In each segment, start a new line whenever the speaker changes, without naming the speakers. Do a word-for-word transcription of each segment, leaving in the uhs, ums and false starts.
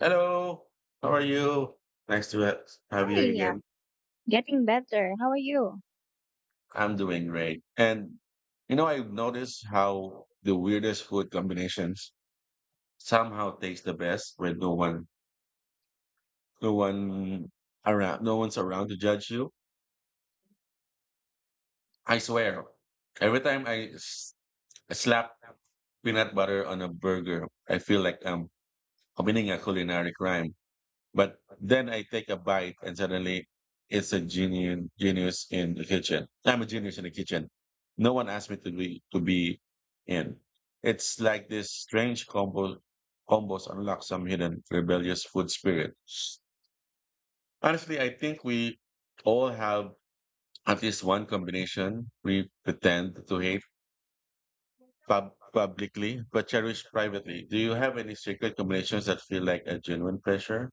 Hello, how are you? Nice to ha- have you
Hi,
again.
getting better. How are you?
I'm doing great. And you know, I've noticed how the weirdest food combinations somehow taste the best with no one, no one around, no one's around to judge you. I swear, every time I s- slap peanut butter on a burger, I feel like I'm committing a culinary crime. But then I take a bite and suddenly it's a genius genius in the kitchen. I'm a genius in the kitchen. No one asked me to be to be in. It's like this strange combo combos unlock some hidden rebellious food spirit. Honestly, I think we all have at least one combination we pretend to hate pub- publicly but cherish privately. Do you have any secret combinations that feel like a genuine pleasure?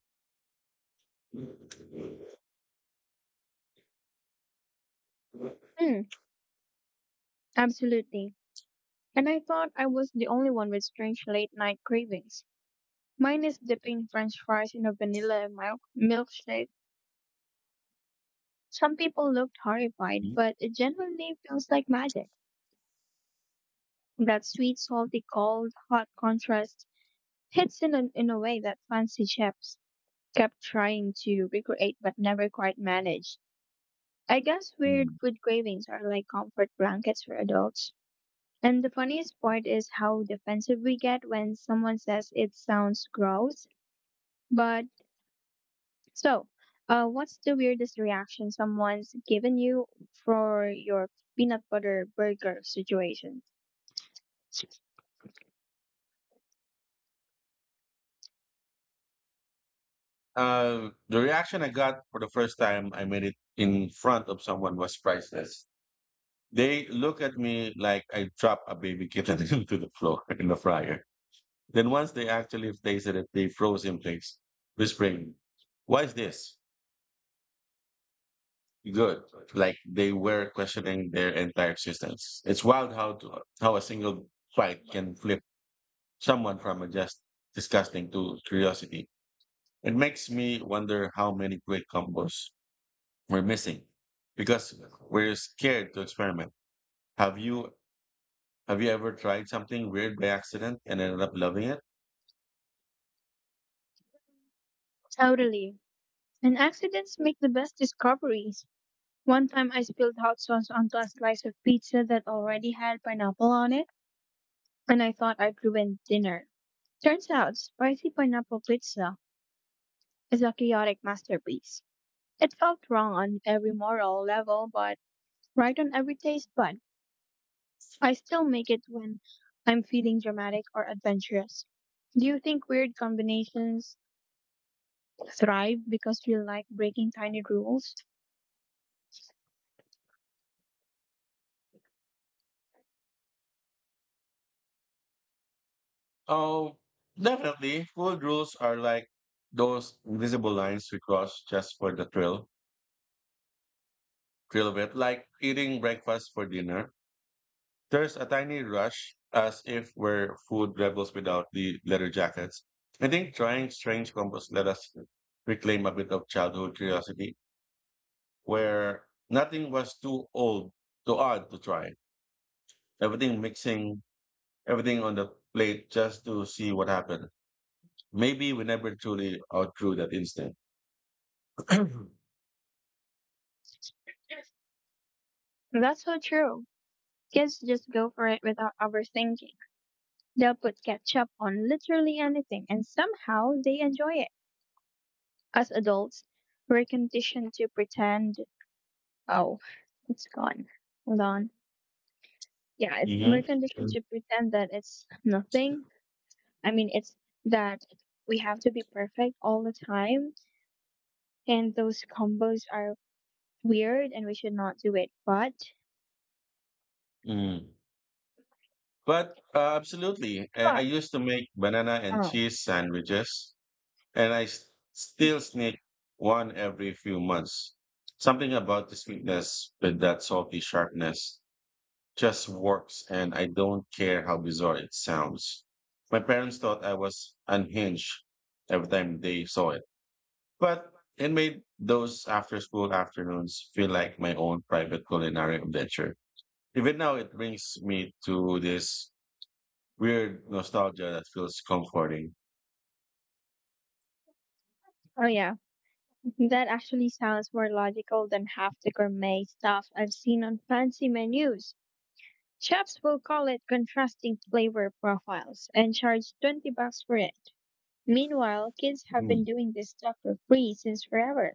Hmm, absolutely. And I thought I was the only one with strange late night cravings. Mine is dipping French fries in a vanilla milk milkshake. Some people looked horrified, but it generally feels like magic. That sweet, salty, cold, hot contrast hits in a, in a way that fancy chefs kept trying to recreate but never quite managed. I guess weird
Mm.
food cravings are like comfort blankets for adults. And the funniest part is how defensive we get when someone says it sounds gross. But so, uh, what's the weirdest reaction someone's given you for your peanut butter burger situation?
Uh, the reaction I got for the first time I made it in front of someone was priceless. They look at me like I dropped a baby kitten into the floor in the fryer. Then once they actually tasted it, they froze in place, whispering, "Why is this good?" Like they were questioning their entire existence. It's wild how to, how a single bite can flip someone from a just disgusting to curiosity. It makes me wonder how many great combos we're missing because we're scared to experiment. Have you have you ever tried something weird by accident and ended up loving it?
Totally. And accidents make the best discoveries. One time I spilled hot sauce onto a slice of pizza that already had pineapple on it, and I thought I'd ruined dinner. Turns out, spicy pineapple pizza is a chaotic masterpiece. It felt wrong on every moral level, but right on every taste bud. I still make it when I'm feeling dramatic or adventurous. Do you think weird combinations thrive because we like breaking tiny rules?
Oh, definitely. Food rules are like those invisible lines we cross just for the thrill, thrill of it. Like eating breakfast for dinner. There's a tiny rush as if we're food rebels without the leather jackets. I think trying strange combos let us reclaim a bit of childhood curiosity where nothing was too old, too odd to try. Everything mixing, everything on the plate just to see what happened. Maybe we never truly outgrew that instinct.
That's so true. Kids just go for it without overthinking. They'll put ketchup on literally anything and somehow they enjoy it. As adults, we're conditioned to pretend, oh, it's gone. Hold on. Yeah, it's we're
Mhm.
conditioned to pretend that it's nothing. I mean, it's that we have to be perfect all the time, and those combos are weird, and we should not do it. But,
Mm. But uh, absolutely, I, I
but
used to make banana and
oh,
cheese sandwiches, and I s- still sneak one every few months. Something about the sweetness with that salty sharpness just works and I don't care how bizarre it sounds. My parents thought I was unhinged every time they saw it, but it made those after school afternoons feel like my own private culinary adventure. Even now, it brings me to this weird nostalgia that feels comforting.
oh yeah, that actually sounds more logical than half the gourmet stuff I've seen on fancy menus. Chefs will call it contrasting flavor profiles and charge twenty bucks for it. Meanwhile, kids have been
Mm.
doing this stuff for free since forever.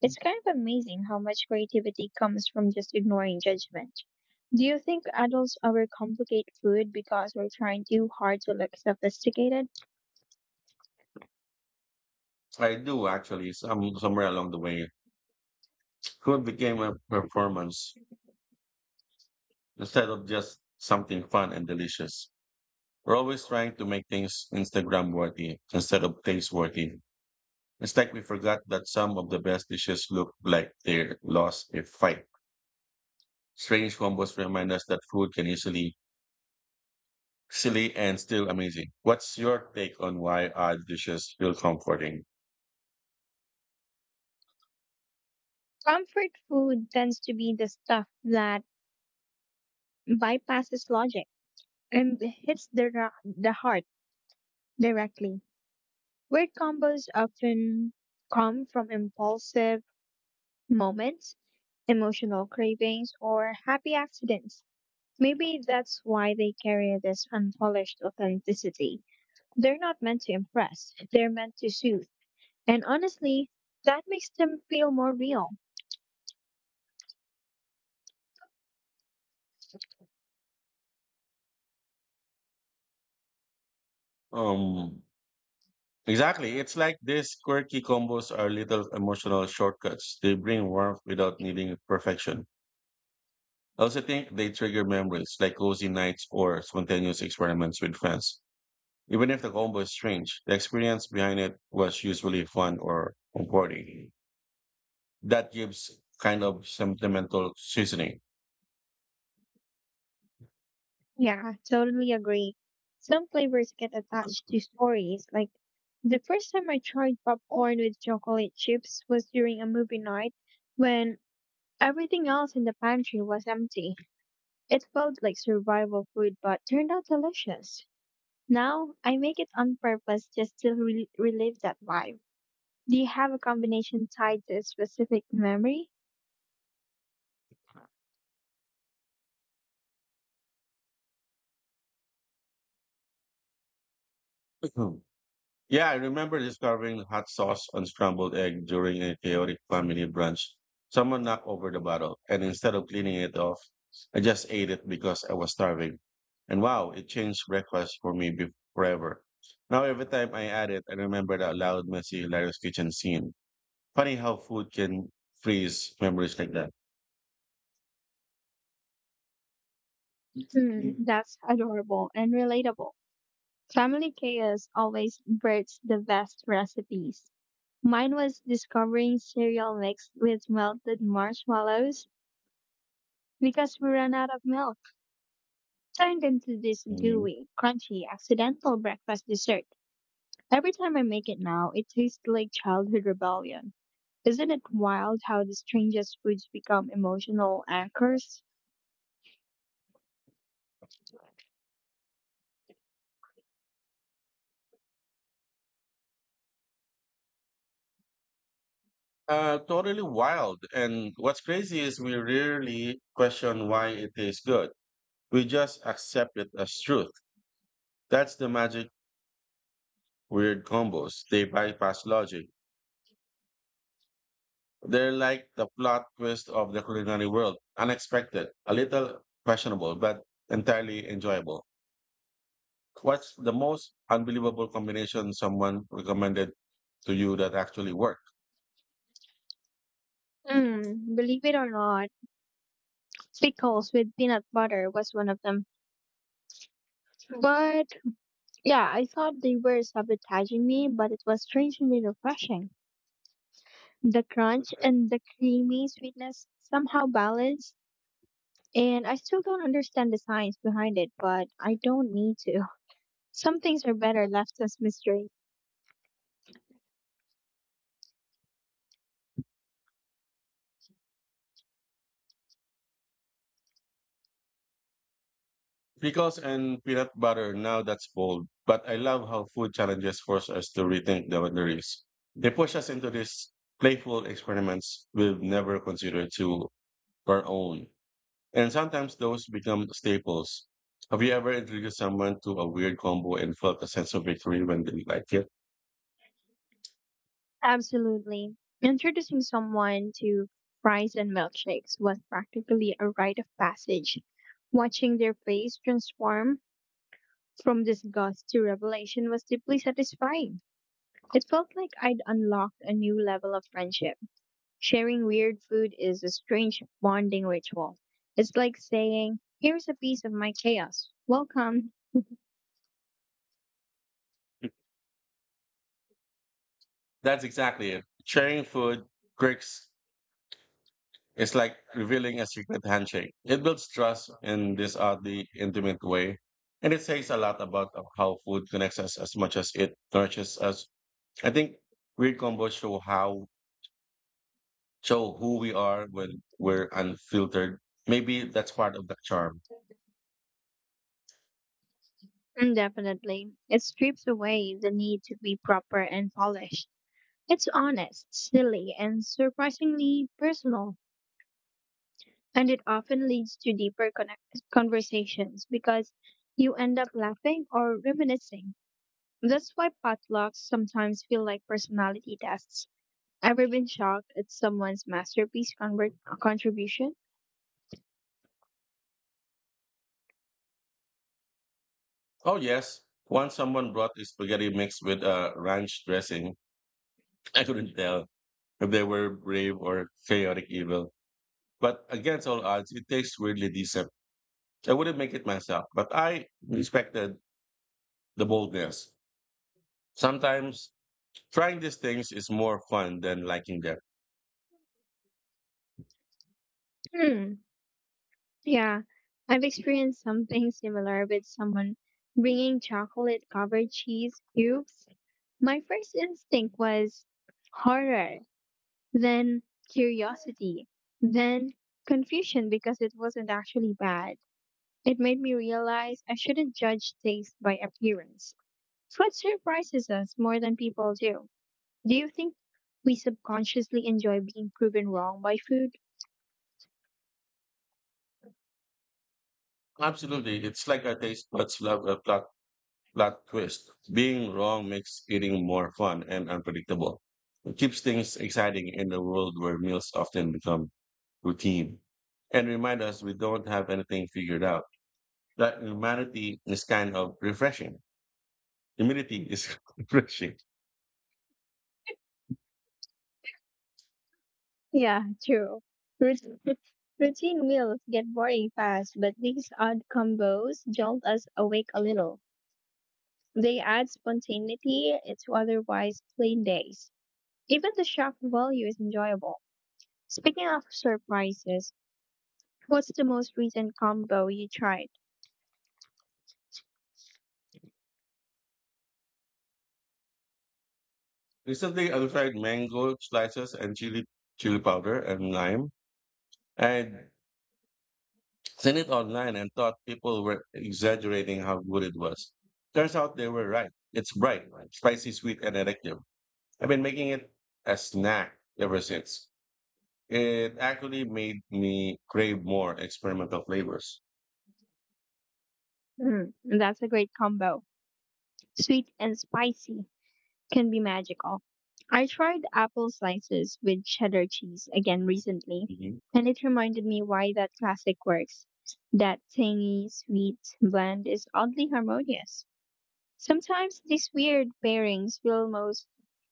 It's kind of amazing how much creativity comes from just ignoring judgment. Do you think adults overcomplicate food because we're trying too hard to look sophisticated?
I do actually, some, somewhere along the way, food became a performance instead of just something fun and delicious. We're always trying to make things Instagram worthy instead of taste worthy. It's like we forgot that some of the best dishes look like they lost a fight. Strange combos remind us that food can easily silly and still amazing. What's your take on why odd dishes feel comforting?
Comfort food tends to be the stuff that bypasses logic and hits the, ra- the heart directly. Weird combos often come from impulsive moments, emotional cravings, or happy accidents. Maybe that's why they carry this unpolished authenticity. They're not meant to impress, they're meant to soothe. And honestly, that makes them feel more real.
Um, exactly. It's like these quirky combos are little emotional shortcuts. They bring warmth without needing perfection. I also think they trigger memories like cozy nights or spontaneous experiments with friends. Even if the combo is strange, the experience behind it was usually fun or comforting. That gives kind of sentimental seasoning.
Yeah, totally agree. Some flavors get attached to stories. Like the first time I tried popcorn with chocolate chips was during a movie night when everything else in the pantry was empty. It felt like survival food but turned out delicious. Now I make it on purpose just to re- relive that vibe. Do you have a combination tied to a specific memory?
Mhm. Yeah, I remember discovering hot sauce on scrambled egg during a chaotic family brunch. Someone knocked over the bottle, and instead of cleaning it off, I just ate it because I was starving. And wow, it changed breakfast for me be- forever. Now, every time I add it, I remember that loud, messy, hilarious kitchen scene. Funny how food can freeze memories like that.
Hmm, that's adorable and relatable. Family chaos always births the best recipes. Mine was discovering cereal mixed with melted marshmallows because we ran out of milk. Turned into this
Mhm.
gooey, crunchy, accidental breakfast dessert. Every time I make it now, it tastes like childhood rebellion. Isn't it wild how the strangest foods become emotional anchors?
Uh, totally wild. And what's crazy is we rarely question why it tastes good. We just accept it as truth. That's the magic weird combos. They bypass logic. They're like the plot twist of the culinary world. Unexpected, a little questionable, but entirely enjoyable. What's the most unbelievable combination someone recommended to you that actually worked?
Mm, believe it or not, pickles with peanut butter was one of them. But yeah, I thought they were sabotaging me, but it was strangely refreshing. The crunch and the creamy sweetness somehow balanced, and I still don't understand the science behind it, but I don't need to. Some things are better left as mystery.
Pickles and peanut butter, now that's bold. But I love how food challenges force us to rethink the boundaries. They push us into these playful experiments we've never considered to our own. And sometimes those become staples. Have you ever introduced someone to a weird combo and felt a sense of victory when they liked it?
Absolutely. Introducing someone to fries and milkshakes was practically a rite of passage. Watching their face transform from disgust to revelation was deeply satisfying. It felt like I'd unlocked a new level of friendship. Sharing weird food is a strange bonding ritual. It's like saying, "Here's a piece of my chaos. Welcome."
That's exactly it. Sharing food, quirks, it's like revealing a secret handshake. It builds trust in this oddly intimate way. And it says a lot about how food connects us as much as it nourishes us. I think weird combos show how show who we are when we're unfiltered. Maybe that's part of the charm.
Mm, definitely. It strips away the need to be proper and polished. It's honest, silly, and surprisingly personal. And it often leads to deeper connect- conversations because you end up laughing or reminiscing. That's why potlucks sometimes feel like personality tests. Ever been shocked at someone's masterpiece convert- contribution?
Oh yes. Once someone brought a spaghetti mixed with a ranch dressing, I couldn't tell if they were brave or chaotic evil. But against all odds, it tastes weirdly decent. I wouldn't make it myself, but I respected the boldness. Sometimes trying these things is more fun than liking them.
Hmm. Yeah, I've experienced something similar with someone bringing chocolate covered cheese cubes. My first instinct was horror, then curiosity, then confusion because it wasn't actually bad. It made me realize I shouldn't judge taste by appearance. Food surprises us more than people do. Do you think we subconsciously enjoy being proven wrong by food?
Absolutely. It's like a taste buds love a plot, plot twist. Being wrong makes eating more fun and unpredictable. It keeps things exciting in a world where meals often become routine and remind us we don't have anything figured out. That humanity is kind of refreshing. Humility is refreshing.
Yeah, true. Rut- Routine meals get boring fast, but these odd combos jolt us awake a little. They add spontaneity to otherwise plain days. Even the shock value is enjoyable. Speaking of surprises, what's the most recent combo you tried?
Recently, I tried mango slices and chili chili powder and lime. I seen it online and thought people were exaggerating how good it was. Turns out they were right. It's bright, spicy, sweet, and addictive. I've been making it a snack ever since. It actually made me crave more experimental flavors.
Mm, that's a great combo. Sweet and spicy can be magical. I tried apple slices with cheddar cheese again recently,
Mhm.
and it reminded me why that classic works. That tangy, sweet blend is oddly harmonious. Sometimes these weird pairings feel most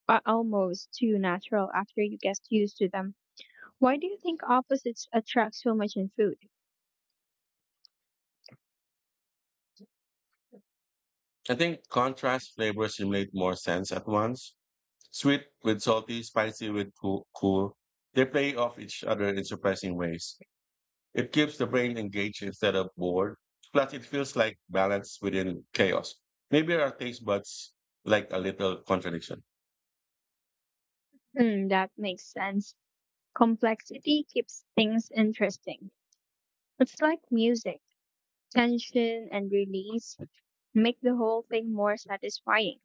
are almost too natural after you get used to them. Why do you think opposites attract so much in food?
I think contrast flavors make more sense at once. Sweet with salty, spicy with cool, cool. They play off each other in surprising ways. It keeps the brain engaged instead of bored. Plus, it feels like balance within chaos. Maybe our taste buds like a little contradiction.
Hmm, that makes sense. Complexity keeps things interesting. It's like music, tension and release make the whole thing more satisfying.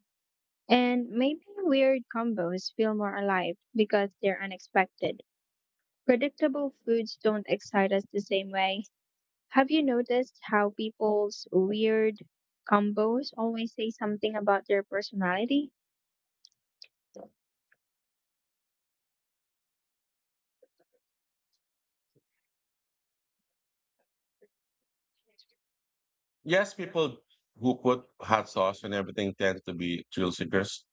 And maybe weird combos feel more alive because they're unexpected. Predictable foods don't excite us the same way. Have you noticed how people's weird combos always say something about their personality?
Yes, people who put hot sauce and everything tend to be thrill seekers.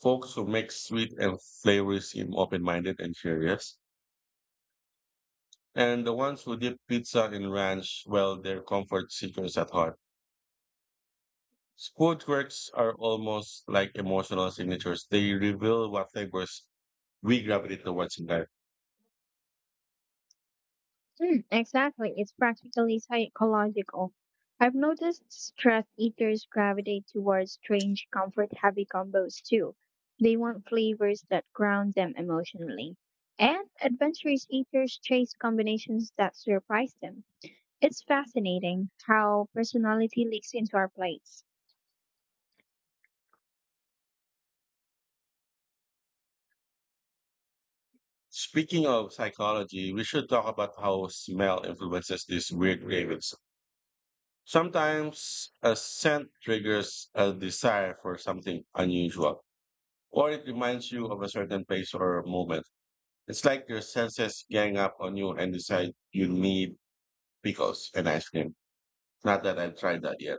Folks who make sweet and flavory seem open-minded and curious. And the ones who dip pizza in ranch, well, they're comfort seekers at heart. Food quirks are almost like emotional signatures. They reveal what flavors we gravitate towards in life.
Mm, exactly. It's practically psychological. I've noticed stress eaters gravitate towards strange, comfort heavy combos too. They want flavors that ground them emotionally. And adventurous eaters chase combinations that surprise them. It's fascinating how personality leaks into our plates.
Speaking of psychology, we should talk about how smell influences these weird cravings. Sometimes a scent triggers a desire for something unusual, or it reminds you of a certain place or moment. It's like your senses gang up on you and decide you need pickles and ice cream. Not that I've tried that yet.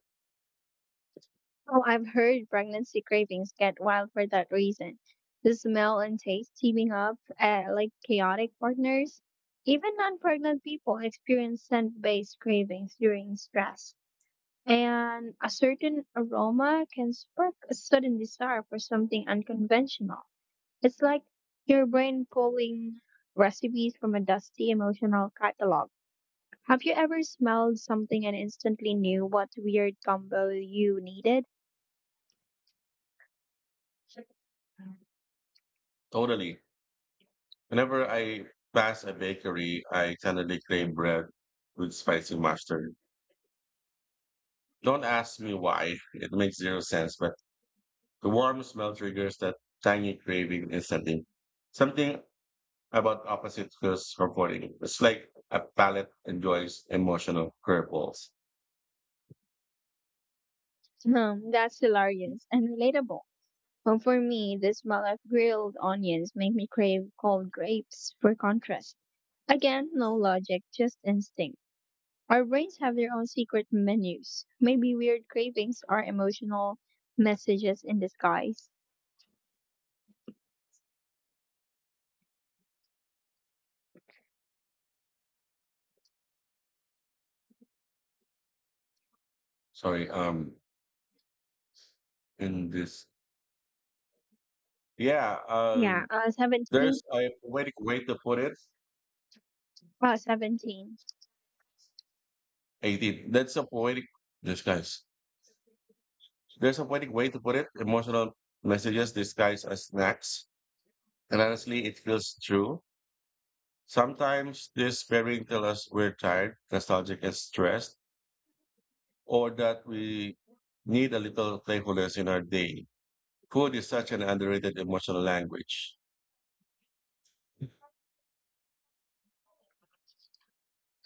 Oh, I've heard pregnancy cravings get wild for that reason. The smell and taste teaming up uh, like chaotic partners. Even non pregnant people experience scent based cravings during stress. And a certain aroma can spark a sudden desire for something unconventional. It's like your brain pulling recipes from a dusty emotional catalog. Have you ever smelled something and instantly knew what weird combo you needed?
Totally. Whenever I pass a bakery, I suddenly crave bread with spicy mustard. Don't ask me why. It makes zero sense, but the warm smell triggers that tiny craving instantly. Something about opposite feels comforting. It's like a palate enjoys emotional curveballs.
Hmm, that's hilarious and relatable. Well, for me, the smell of grilled onions make me crave cold grapes for contrast. Again, no logic, just instinct. Our brains have their own secret menus. Maybe weird cravings are emotional messages in disguise.
Sorry, um, in this, yeah,
Yeah,
um,
uh, seventeen.
there's a poetic way to put it.
Uh, seventeen.
eighteen. That's a poetic disguise. There's a poetic way to put it. Emotional messages disguised as snacks. And honestly, it feels true. Sometimes this pairing tells us we're tired, nostalgic, and stressed or that we need a little playfulness in our day. Food is such an underrated emotional language.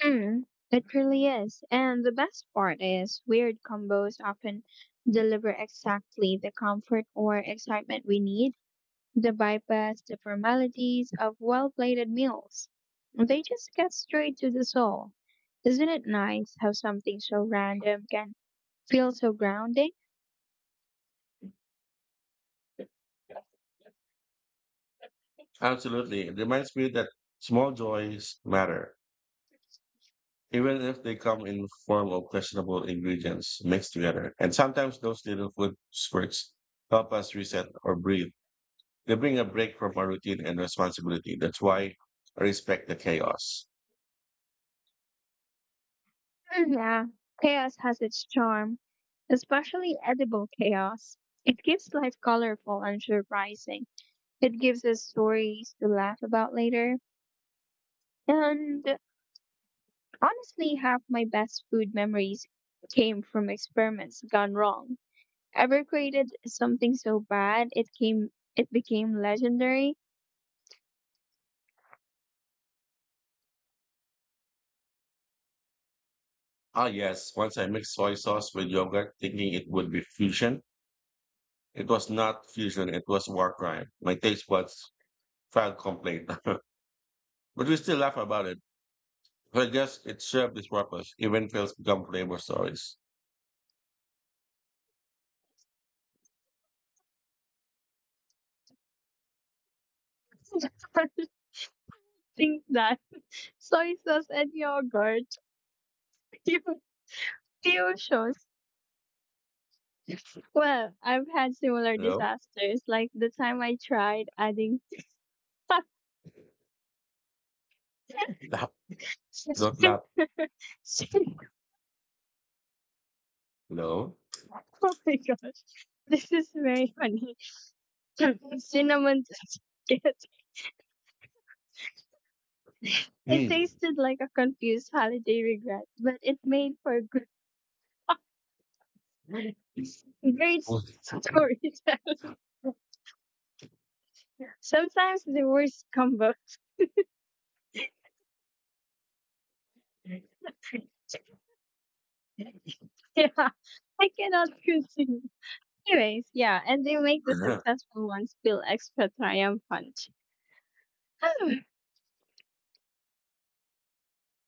Mm, it really is. And the best part is weird combos often deliver exactly the comfort or excitement we need. They bypass the formalities of well-plated meals. They just get straight to the soul. Isn't it nice how something so random can feel so grounding?
Absolutely. It reminds me that small joys matter, even if they come in form of questionable ingredients mixed together. And sometimes those little food spurts help us reset or breathe. They bring a break from our routine and responsibility. That's why I respect the chaos.
Mm, yeah, chaos has its charm, especially edible chaos. It gives life colorful and surprising. It gives us stories to laugh about later. And honestly, half my best food memories came from experiments gone wrong. Ever created something so bad it came it became legendary?
Ah, yes. Once I mixed soy sauce with yogurt, thinking it would be fusion, it was not fusion, it was war crime. My taste buds filed complaint. But we still laugh about it. So I guess it served its purpose. Even fails become flavor stories.
Think that soy sauce and yogurt fusions. Well, I've had similar
You
disasters, like the time I tried adding.
laugh, not
Cin-
laugh. You know?
oh my gosh, this is very funny. Cinnamon to it. It
Hmm.
tasted like a confused holiday regret, but it made for great storytelling. Sometimes the worst combos. Yeah, I cannot continue. Anyways, yeah, and they make the successful ones feel extra triumphant.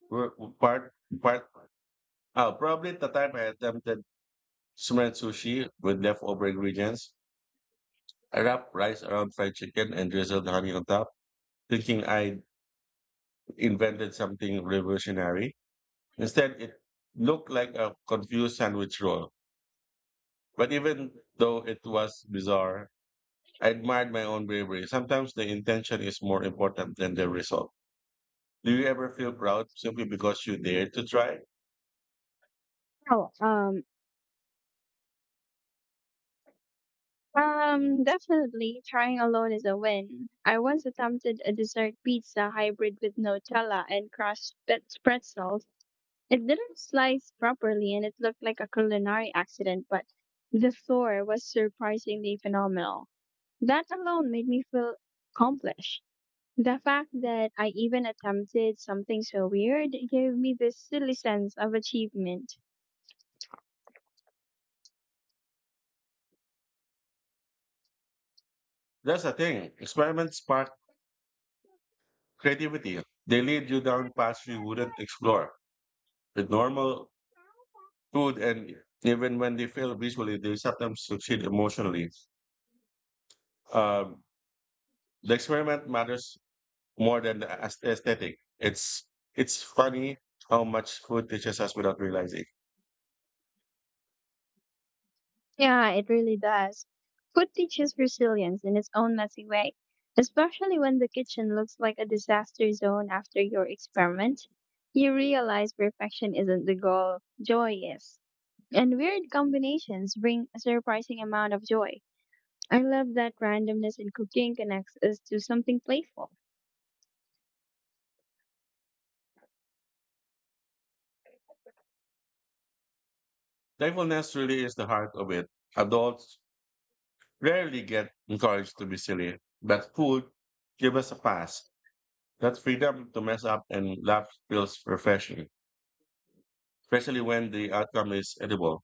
We're- part, part, oh, probably at the time I attempted smeared sushi with leftover ingredients. I wrapped rice around fried chicken and drizzled honey on top, thinking I invented something revolutionary. Instead, it looked like a confused sandwich roll. But even though it was bizarre, I admired my own bravery. Sometimes the intention is more important than the result. Do you ever feel proud simply because you dared to try?
Oh, um, um, definitely trying alone is a win. I once attempted a dessert pizza hybrid with Nutella and crushed pet- pretzels. It didn't slice properly, and it looked like a culinary accident. But the floor was surprisingly phenomenal. That alone made me feel accomplished. The fact that I even attempted something so weird gave me this silly sense of achievement.
That's the thing. Experiments spark creativity. They lead you down paths you wouldn't explore. With normal food and even when they fail visually, they sometimes succeed emotionally. Um, the experiment matters more than the aes- aesthetic. It's it's funny how much food teaches us without realizing.
Yeah, it really does. Food teaches resilience in its own messy way, especially when the kitchen looks like a disaster zone after your experiment. You realize perfection isn't the goal, joy is. And weird combinations bring a surprising amount of joy. I love that randomness in cooking connects us to something playful.
Playfulness really is the heart of it. Adults rarely get encouraged to be silly, but food give us a pass. That freedom to mess up and laugh feels refreshing, especially when the outcome is edible,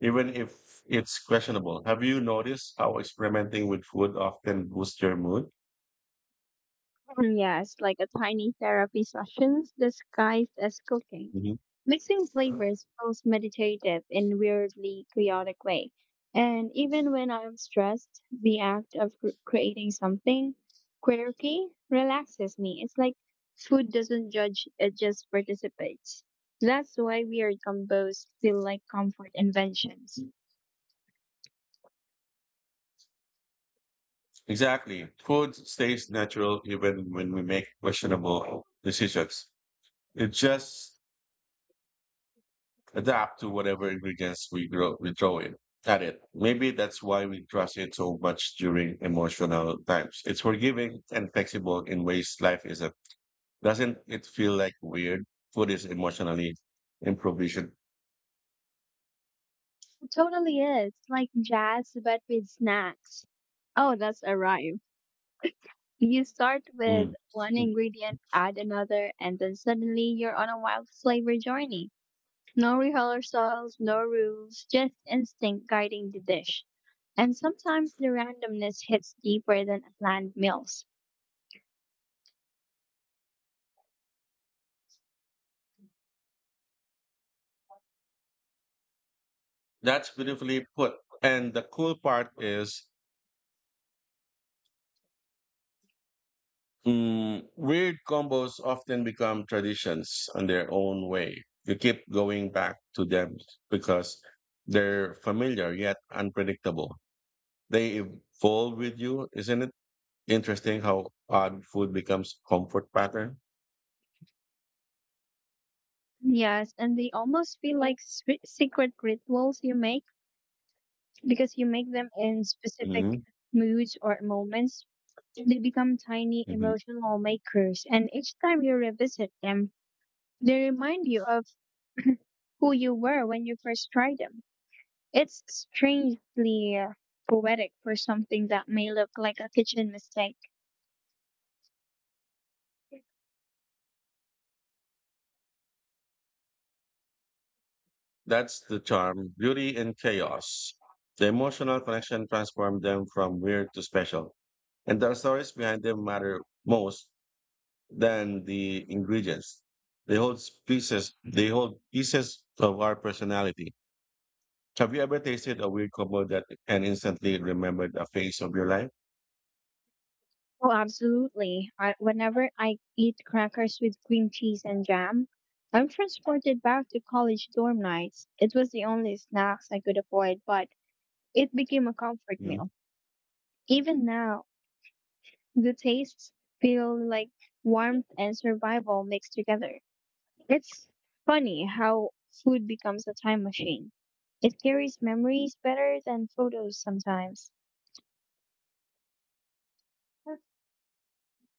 even if it's questionable. Have you noticed how experimenting with food often boosts your mood?
Mm, yes, like a tiny therapy sessions disguised as cooking.
Mhm.
Mixing flavors feels meditative in weirdly chaotic way. And even when I'm stressed, the act of cr- creating something quirky relaxes me. It's like food doesn't judge, it just participates. That's why weird combos feel like comfort inventions.
Exactly. Food stays natural even when we make questionable decisions. It just adapt to whatever ingredients we grow we throw in at it. Maybe that's why we trust it so much during emotional times. It's forgiving and flexible in ways life isn't. Doesn't it feel like weird? Food is emotionally improvisation.
It totally is, like jazz but with snacks. Oh, that's a rhyme. You start with
Mm.
one ingredient, add another, and then suddenly you're on a wild flavor journey. No rehearsals, no rules, just instinct guiding the dish. And sometimes the randomness hits deeper than planned meals.
That's beautifully put. And the cool part is mm, weird combos often become traditions in their own way. You keep going back to them because they're familiar yet unpredictable. They evolve with you. Isn't it interesting how odd food becomes comfort pattern?
Yes, and they almost feel like swe- secret rituals you make because you make them in specific
Hmm.
moods or moments. They become tiny
Hmm.
emotional makers, and each time you revisit them, they remind you of who you were when you first tried them. It's strangely uh, poetic for something that may look like a kitchen mistake.
That's the charm, beauty in chaos. The emotional connection transformed them from weird to special. And the stories behind them matter most than the ingredients. They hold pieces, they hold pieces of our personality. Have you ever tasted a weird combo that and instantly remembered a phase of your life?
Oh, absolutely. I, whenever I eat crackers with cream cheese and jam, I'm transported back to college dorm nights. It was the only snacks I could avoid, but it became a comfort meal. Even now, the tastes feel like warmth and survival mixed together. It's funny how food becomes a time machine. It carries memories better than photos sometimes.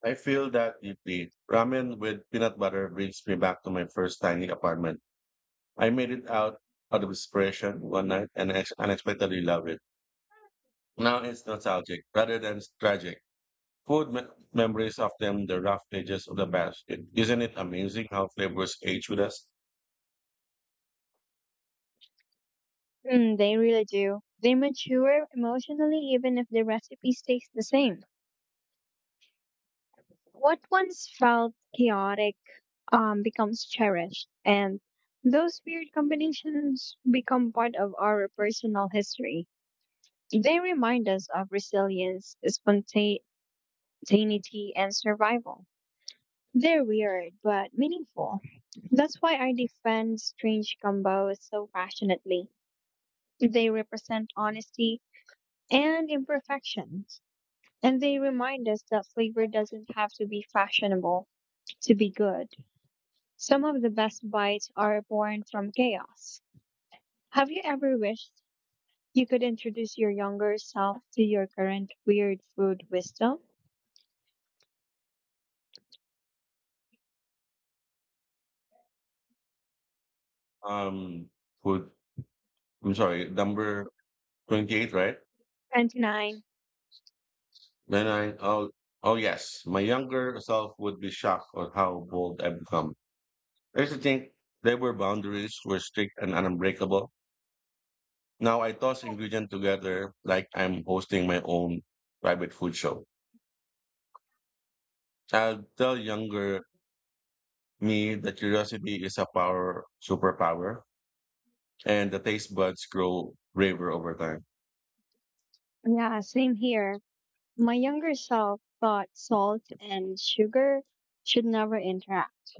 I feel that deeply. Ramen with peanut butter brings me back to my first tiny apartment. I made it out out of desperation one night and ex- unexpectedly loved it. Now it's nostalgic rather than tragic. Food me- memories of them, the rough edges of the basket. Isn't it amazing how flavors age with us?
Mm, they really do. They mature emotionally even if the recipe stays the same. What once felt chaotic um, becomes cherished, and those weird combinations become part of our personal history. They remind us of resilience, spontaneity, and survival. They're weird, but meaningful. That's why I defend strange combos so passionately. They represent honesty and imperfections, and they remind us that flavor doesn't have to be fashionable to be good. Some of the best bites are born from chaos. Have you ever wished you could introduce your younger self to your current weird food wisdom?
Um, food. I'm sorry, number twenty-eight, right?
twenty-nine.
Then I oh oh yes, my younger self would be shocked at how bold I've become. I used to think there were boundaries were strict and unbreakable. Now I toss ingredients together like I'm hosting my own private food show. I'll tell younger me that curiosity is a power superpower and the taste buds grow braver over time.
Yeah, same here. My younger self thought salt and sugar should never interact.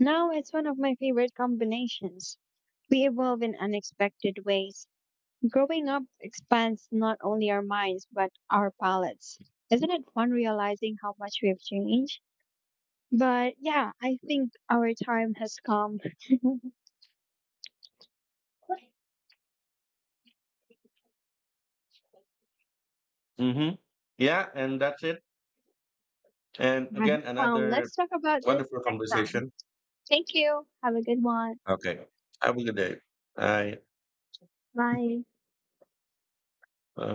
Now it's one of my favorite combinations. We evolve in unexpected ways. Growing up expands not only our minds but our palates. Isn't it fun realizing how much we've changed? But yeah, I think our time has come.
Mm-hmm. Yeah, and that's it. And again,
um,
another
let's talk about this
wonderful
next time.
conversation.
Thank you. Have a good one.
Okay. Have a good day. Bye.
Bye.